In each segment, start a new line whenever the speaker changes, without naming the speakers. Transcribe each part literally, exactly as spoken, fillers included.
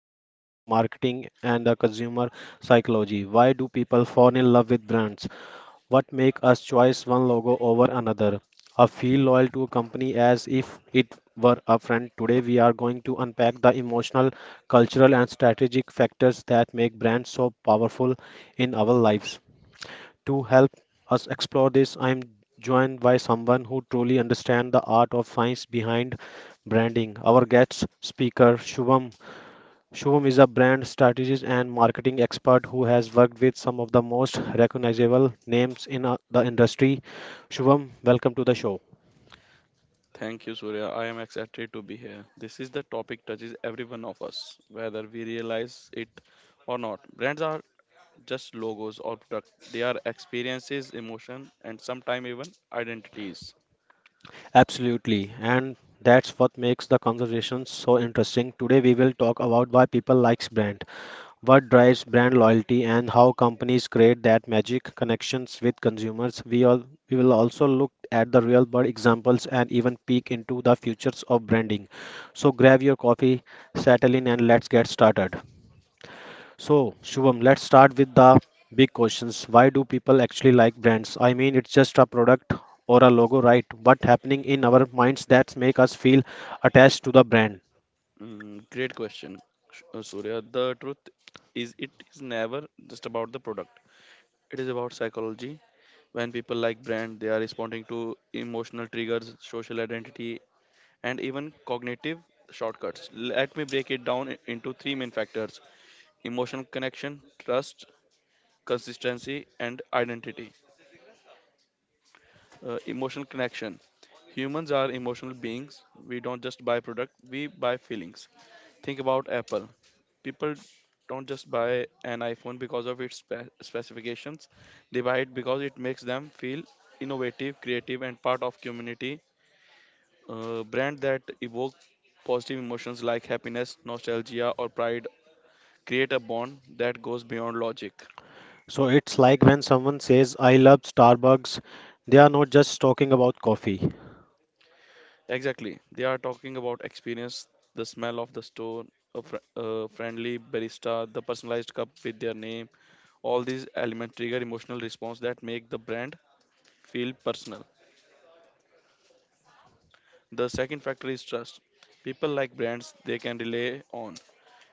topic in marketing and the consumer psychology. Why do people fall in love with brands? What make us choose one logo over another? I feel loyal to a company as if it were a friend. Today we are going to unpack the emotional, cultural and strategic factors that make brands so powerful in our lives. To help us explore this, I am joined by someone who truly understands the art of science behind branding. Our guest speaker, Shubham, Shubham is a brand strategist and marketing expert who has worked with some of the most recognizable names in uh, the industry. Shubham, welcome to the show.
Thank you, Surya. I am excited to be here. This is the topic touches every one of us, whether we realize it or not. Brands are just logos or product. They are experiences, emotion, and sometimes even identities.
Absolutely, and that's what makes the conversation so interesting. Today we will talk about why people likes brand, what drives brand loyalty, and how companies create that magic connections with consumers. We all we will also look at the real world examples and even peek into the futures of branding. So grab your coffee, settle in, and let's get started. So, Shubham, let's start with the big questions. Why do people actually like brands? I mean, it's just a product or a logo, right? What happening in our minds that make us feel attached to the brand?
Mm, great question, Sh- uh, Surya. The truth is, it is never just about the product. It is about psychology. When people like brand, they are responding to emotional triggers, social identity, and even cognitive shortcuts. Let me break it down i- into three main factors emotional connection, trust, consistency, and identity. Uh, emotional connection. Humans are emotional beings. We don't just buy product, we buy feelings. Think about Apple. People don't just buy an iPhone because of its spe- specifications. They buy it because it makes them feel innovative, creative, and part of community. Uh, brand that evoke positive emotions like happiness, nostalgia, or pride create a bond that goes beyond logic. Exactly. They are talking about experience, the smell of the store, a, fr- a friendly barista, the personalized cup with their name. All these elements trigger emotional response that make the brand feel personal. The second factor is trust. People like brands they can rely on.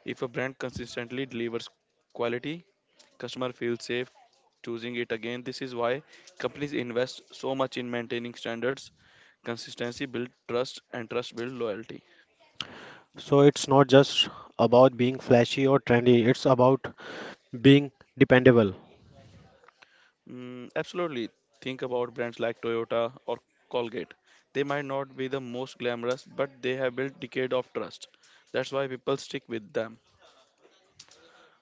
If a brand consistently delivers quality, customer feels safe choosing it again. This is why companies invest so much in maintaining standards. Consistency builds trust and trust builds loyalty. Mm, absolutely. Think about brands like Toyota or Colgate. They might not be the most glamorous, but they have built decade of trust. That's why people stick with them.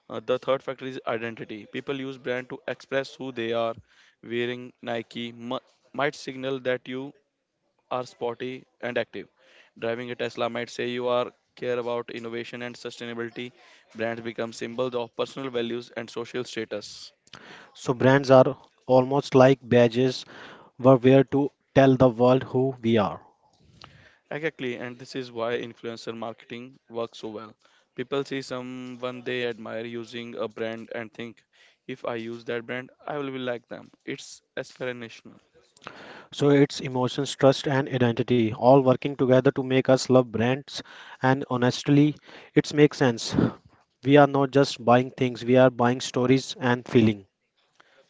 Uh, the third factor is identity. People use brand to express who they are. Wearing Nike mu- might signal that you are sporty and active. Driving a Tesla might say you are care about innovation and sustainability. Brands become symbols of personal values and social status. Exactly, and this is why influencer marketing works so well. People see someone they admire using a brand and think, if I use that brand, I will be like them. It's aspirational.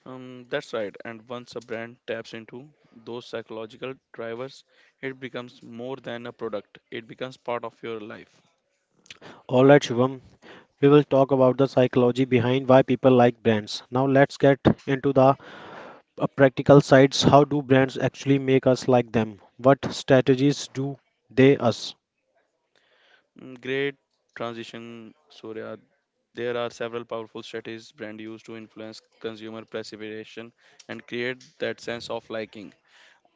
Um, that's right, and once a brand taps into those psychological drivers, it becomes more than a product, it becomes part of your life. Mm, Great transition, Surya. There are several powerful strategies brand use to influence consumer perception and create that sense of liking.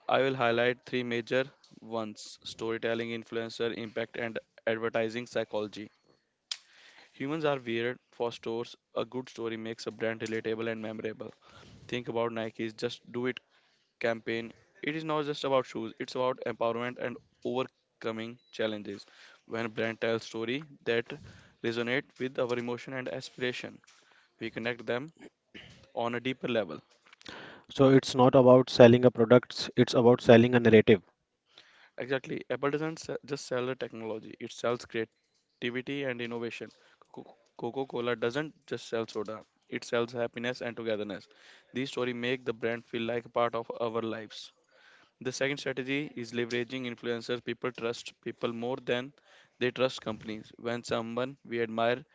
I will highlight three major ones storytelling, influencer impact, and advertising psychology. Humans are weird for stores. A good story makes a brand relatable and memorable. Think about Nike's Just Do It campaign. It is not just about shoes, it's about empowerment and overcoming challenges. When a brand tells story that resonate with our emotion and aspiration, we connect them on a deeper level. Exactly. Apple doesn't se- just sell the technology, it sells creativity and innovation. Co- Coca Cola doesn't just sell soda, it sells happiness and togetherness. These stories make the brand feel like a part of our lives. The second strategy is leveraging influencers. People trust people more than they trust companies. When someone we admire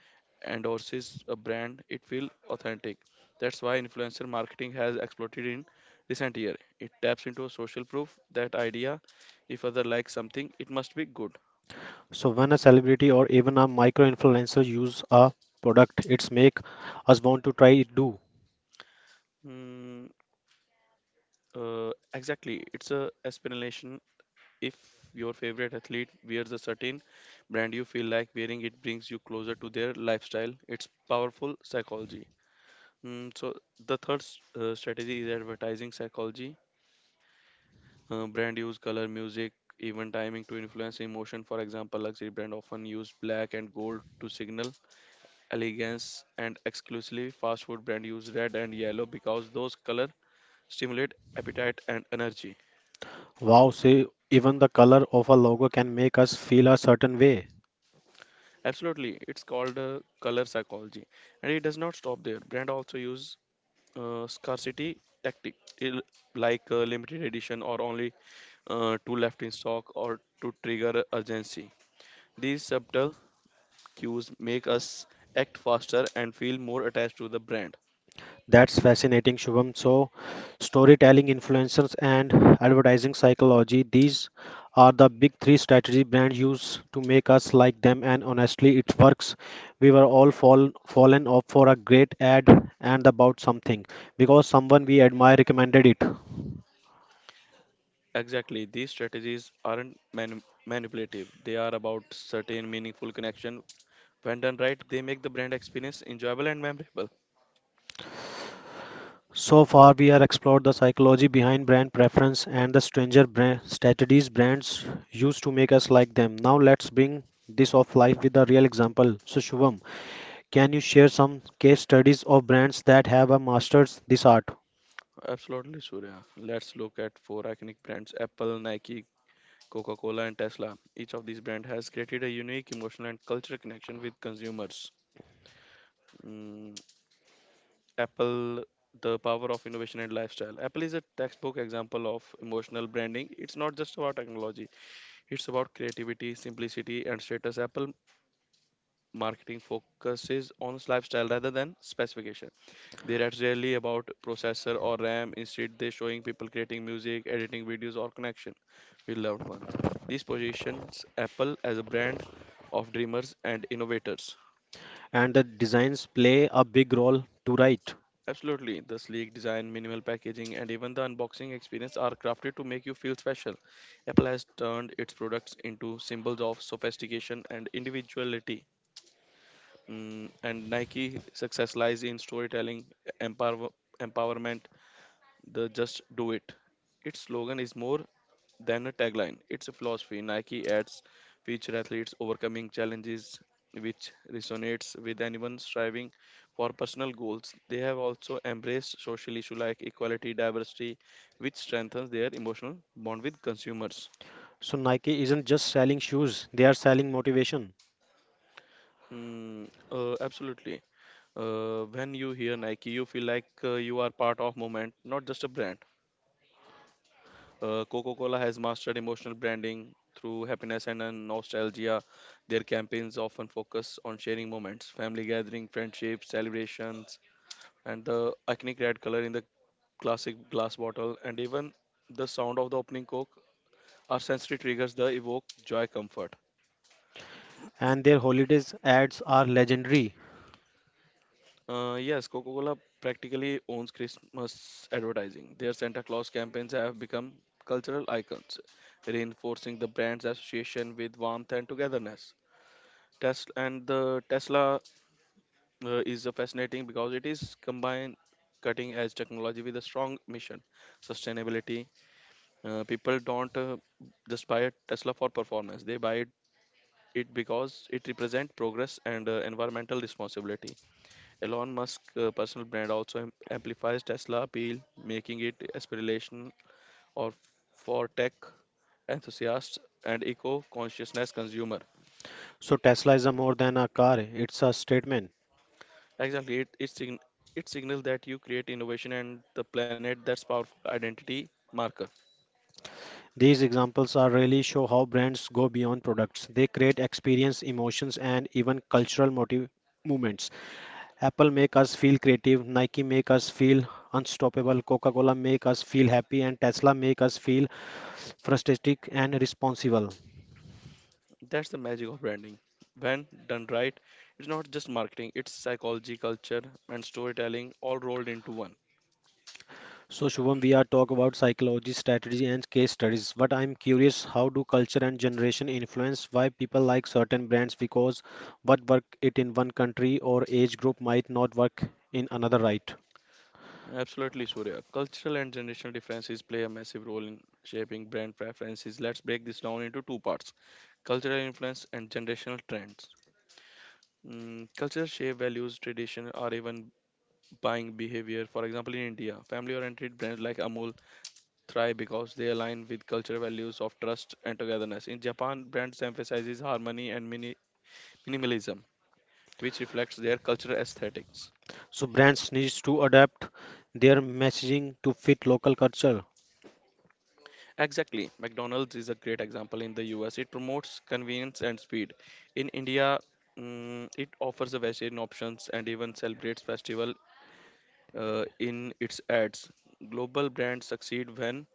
endorses a brand, it feels authentic. That's why influencer marketing has exploded in recent year. It taps into a social proof that idea. If other like something, it must be good. Mm, uh, exactly, it's a aspiration. If your favorite athlete wears a certain brand, you feel like wearing it brings you closer to their lifestyle. It's powerful psychology. Mm, so the third s- uh, strategy is advertising psychology. Uh, brand use color, music, even timing to influence emotion. For example, luxury brand often use black and gold to signal elegance and exclusively fast food brand use red and yellow because those color stimulate appetite and energy. Absolutely, it's called uh, color psychology. And it does not stop there. Brand also use uh, scarcity tactic il- like uh, limited edition or only uh, two left in stock or to trigger urgency. These subtle cues make us act faster and feel more attached to the brand. Exactly, these strategies aren't manu- manipulative. They are about certain meaningful connection. When done right, they make the brand experience enjoyable and memorable. Absolutely, Surya. Let's look at four iconic brands: Apple, Nike, Coca-Cola, and Tesla. Each of these brands has created a unique emotional and cultural connection with consumers. Mm, Apple, the power of innovation and lifestyle. Apple is a textbook example of emotional branding. It's not just about technology, it's about creativity, simplicity, and status. Apple marketing focuses on lifestyle rather than specification. They write rarely about processor or RAM. Instead, they showing people creating music, editing videos, or connection with loved ones. This positions Apple as a brand of dreamers and innovators. Absolutely. The sleek design, minimal packaging, and even the unboxing experience are crafted to make you feel special. Apple has turned its products into symbols of sophistication and individuality. Mm, and Nike success lies in storytelling, empower, empowerment, the just do it. Its slogan is more then a tagline. It's a philosophy. Nike adds feature athletes overcoming challenges, which resonates with anyone striving for personal goals. They have also embraced social issues like equality, diversity, which strengthens their emotional bond with consumers. Mm, uh, absolutely. Uh, when you hear Nike, you feel like uh, you are part of movement, not just a brand. Uh, Coca Cola has mastered emotional branding through happiness and uh, nostalgia. Their campaigns often focus on sharing moments, family gathering, friendships, celebrations, and the iconic red color in the classic glass bottle, and even the sound of the opening Coke are sensory triggers that evoke joy comfort. Uh, yes, Coca Cola practically owns Christmas advertising. Their Santa Claus campaigns have become cultural icons, reinforcing the brand's association with warmth and togetherness. Tesla and the Tesla uh, is uh, fascinating because it is combined cutting edge technology with a strong mission, sustainability. Uh, people don't uh, just buy a Tesla for performance; they buy it, it because it represents progress and uh, environmental responsibility. Elon Musk uh, personal brand also am- amplifies Tesla appeal, making it aspirational or for tech enthusiasts and eco-consciousness consumer. Exactly, it it, sign, it signals that you create innovation and the planet. That's powerful identity marker. That's the magic of branding. When done right, it's not just marketing; it's psychology, culture, and storytelling all rolled into one. Absolutely, Surya. Cultural and generational differences play a massive role in shaping brand preferences. Let's break this down into two parts cultural influence and generational trends. Mm, culture shape values, tradition, or even buying behavior. For example, in India, family oriented brands like Amul thrive because they align with cultural values of trust and togetherness. In Japan, brands emphasizes harmony and mini- minimalism, which reflects their cultural aesthetics. Exactly, McDonald's is a great example in the U S. It promotes convenience and speed. In India, mm, it offers a vegetarian options and even celebrates festival uh, in its ads. Global brands succeed when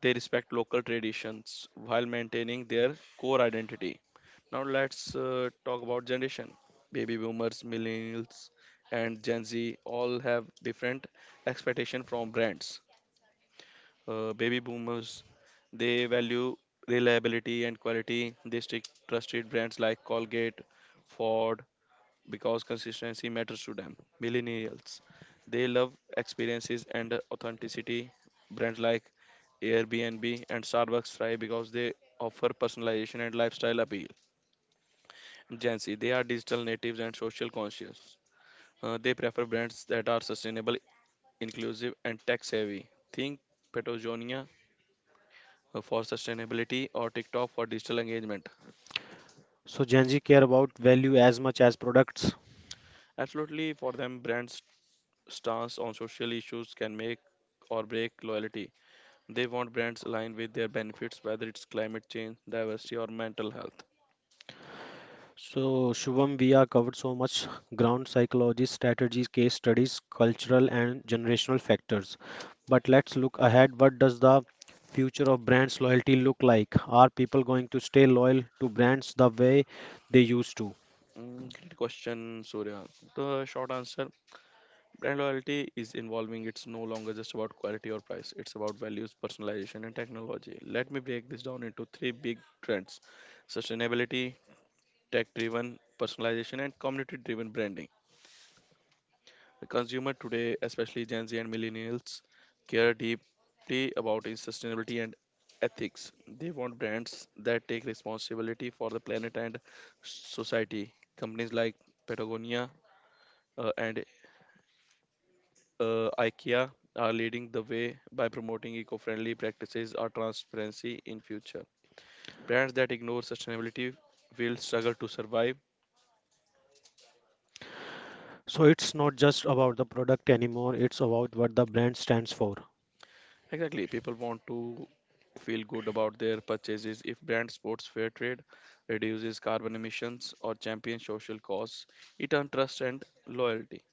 they respect local traditions while maintaining their core identity. Now let's uh, talk about generation. Baby boomers, millennials, and Gen Z all have different expectation from brands. Uh, baby boomers, they value reliability and quality. They stick trusted brands like Colgate, Ford, because consistency matters to them. Millennials, they love experiences and authenticity. Brands like Airbnb and Starbucks thrive because they offer personalization and lifestyle appeal Gen Z, they are digital natives and social conscious. Uh, they prefer brands that are sustainable, inclusive, and tech savvy. Think Patagonia uh, for sustainability or TikTok for digital engagement. Absolutely, for them, brands' stance on social issues can make or break loyalty. They want brands aligned with their benefits, whether it's climate change, diversity, or mental health. Mm, great question, Surya. The short answer Brand loyalty is involving. It's no longer just about quality or price. It's about values, personalization, and technology. Let me break this down into three big trends: sustainability, tech-driven personalization, and community-driven branding. The consumer today, especially Gen Z and millennials, care deeply about its sustainability and ethics. They want brands that take responsibility for the planet and society. Companies like Patagonia uh, and uh, IKEA are leading the way by promoting eco-friendly practices or transparency in future. Brands that ignore sustainability will struggle to survive. Exactly, people want to feel good about their purchases if brand sports fair trade reduces carbon emissions or champions social cause it earns trust and loyalty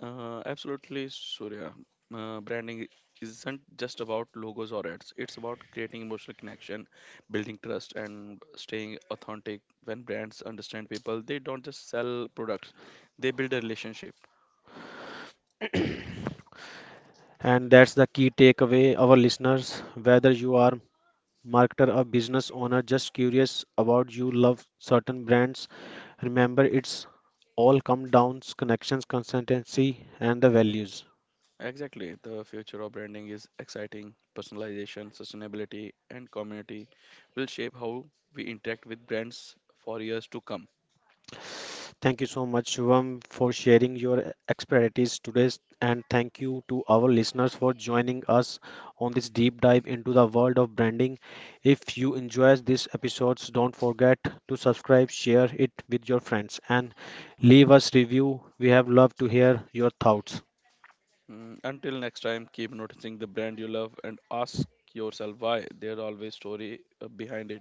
Uh, absolutely, Surya. Uh, branding isn't just about logos or ads. It's about creating emotional connection, building trust, and staying authentic. When brands understand people, they don't just sell products; they build a relationship. Exactly. The future of branding is exciting. Personalization, sustainability, and community will shape how we interact with brands for years to come. Mm, Until next time, keep noticing the brand you love and ask yourself why. There's always story uh, behind it.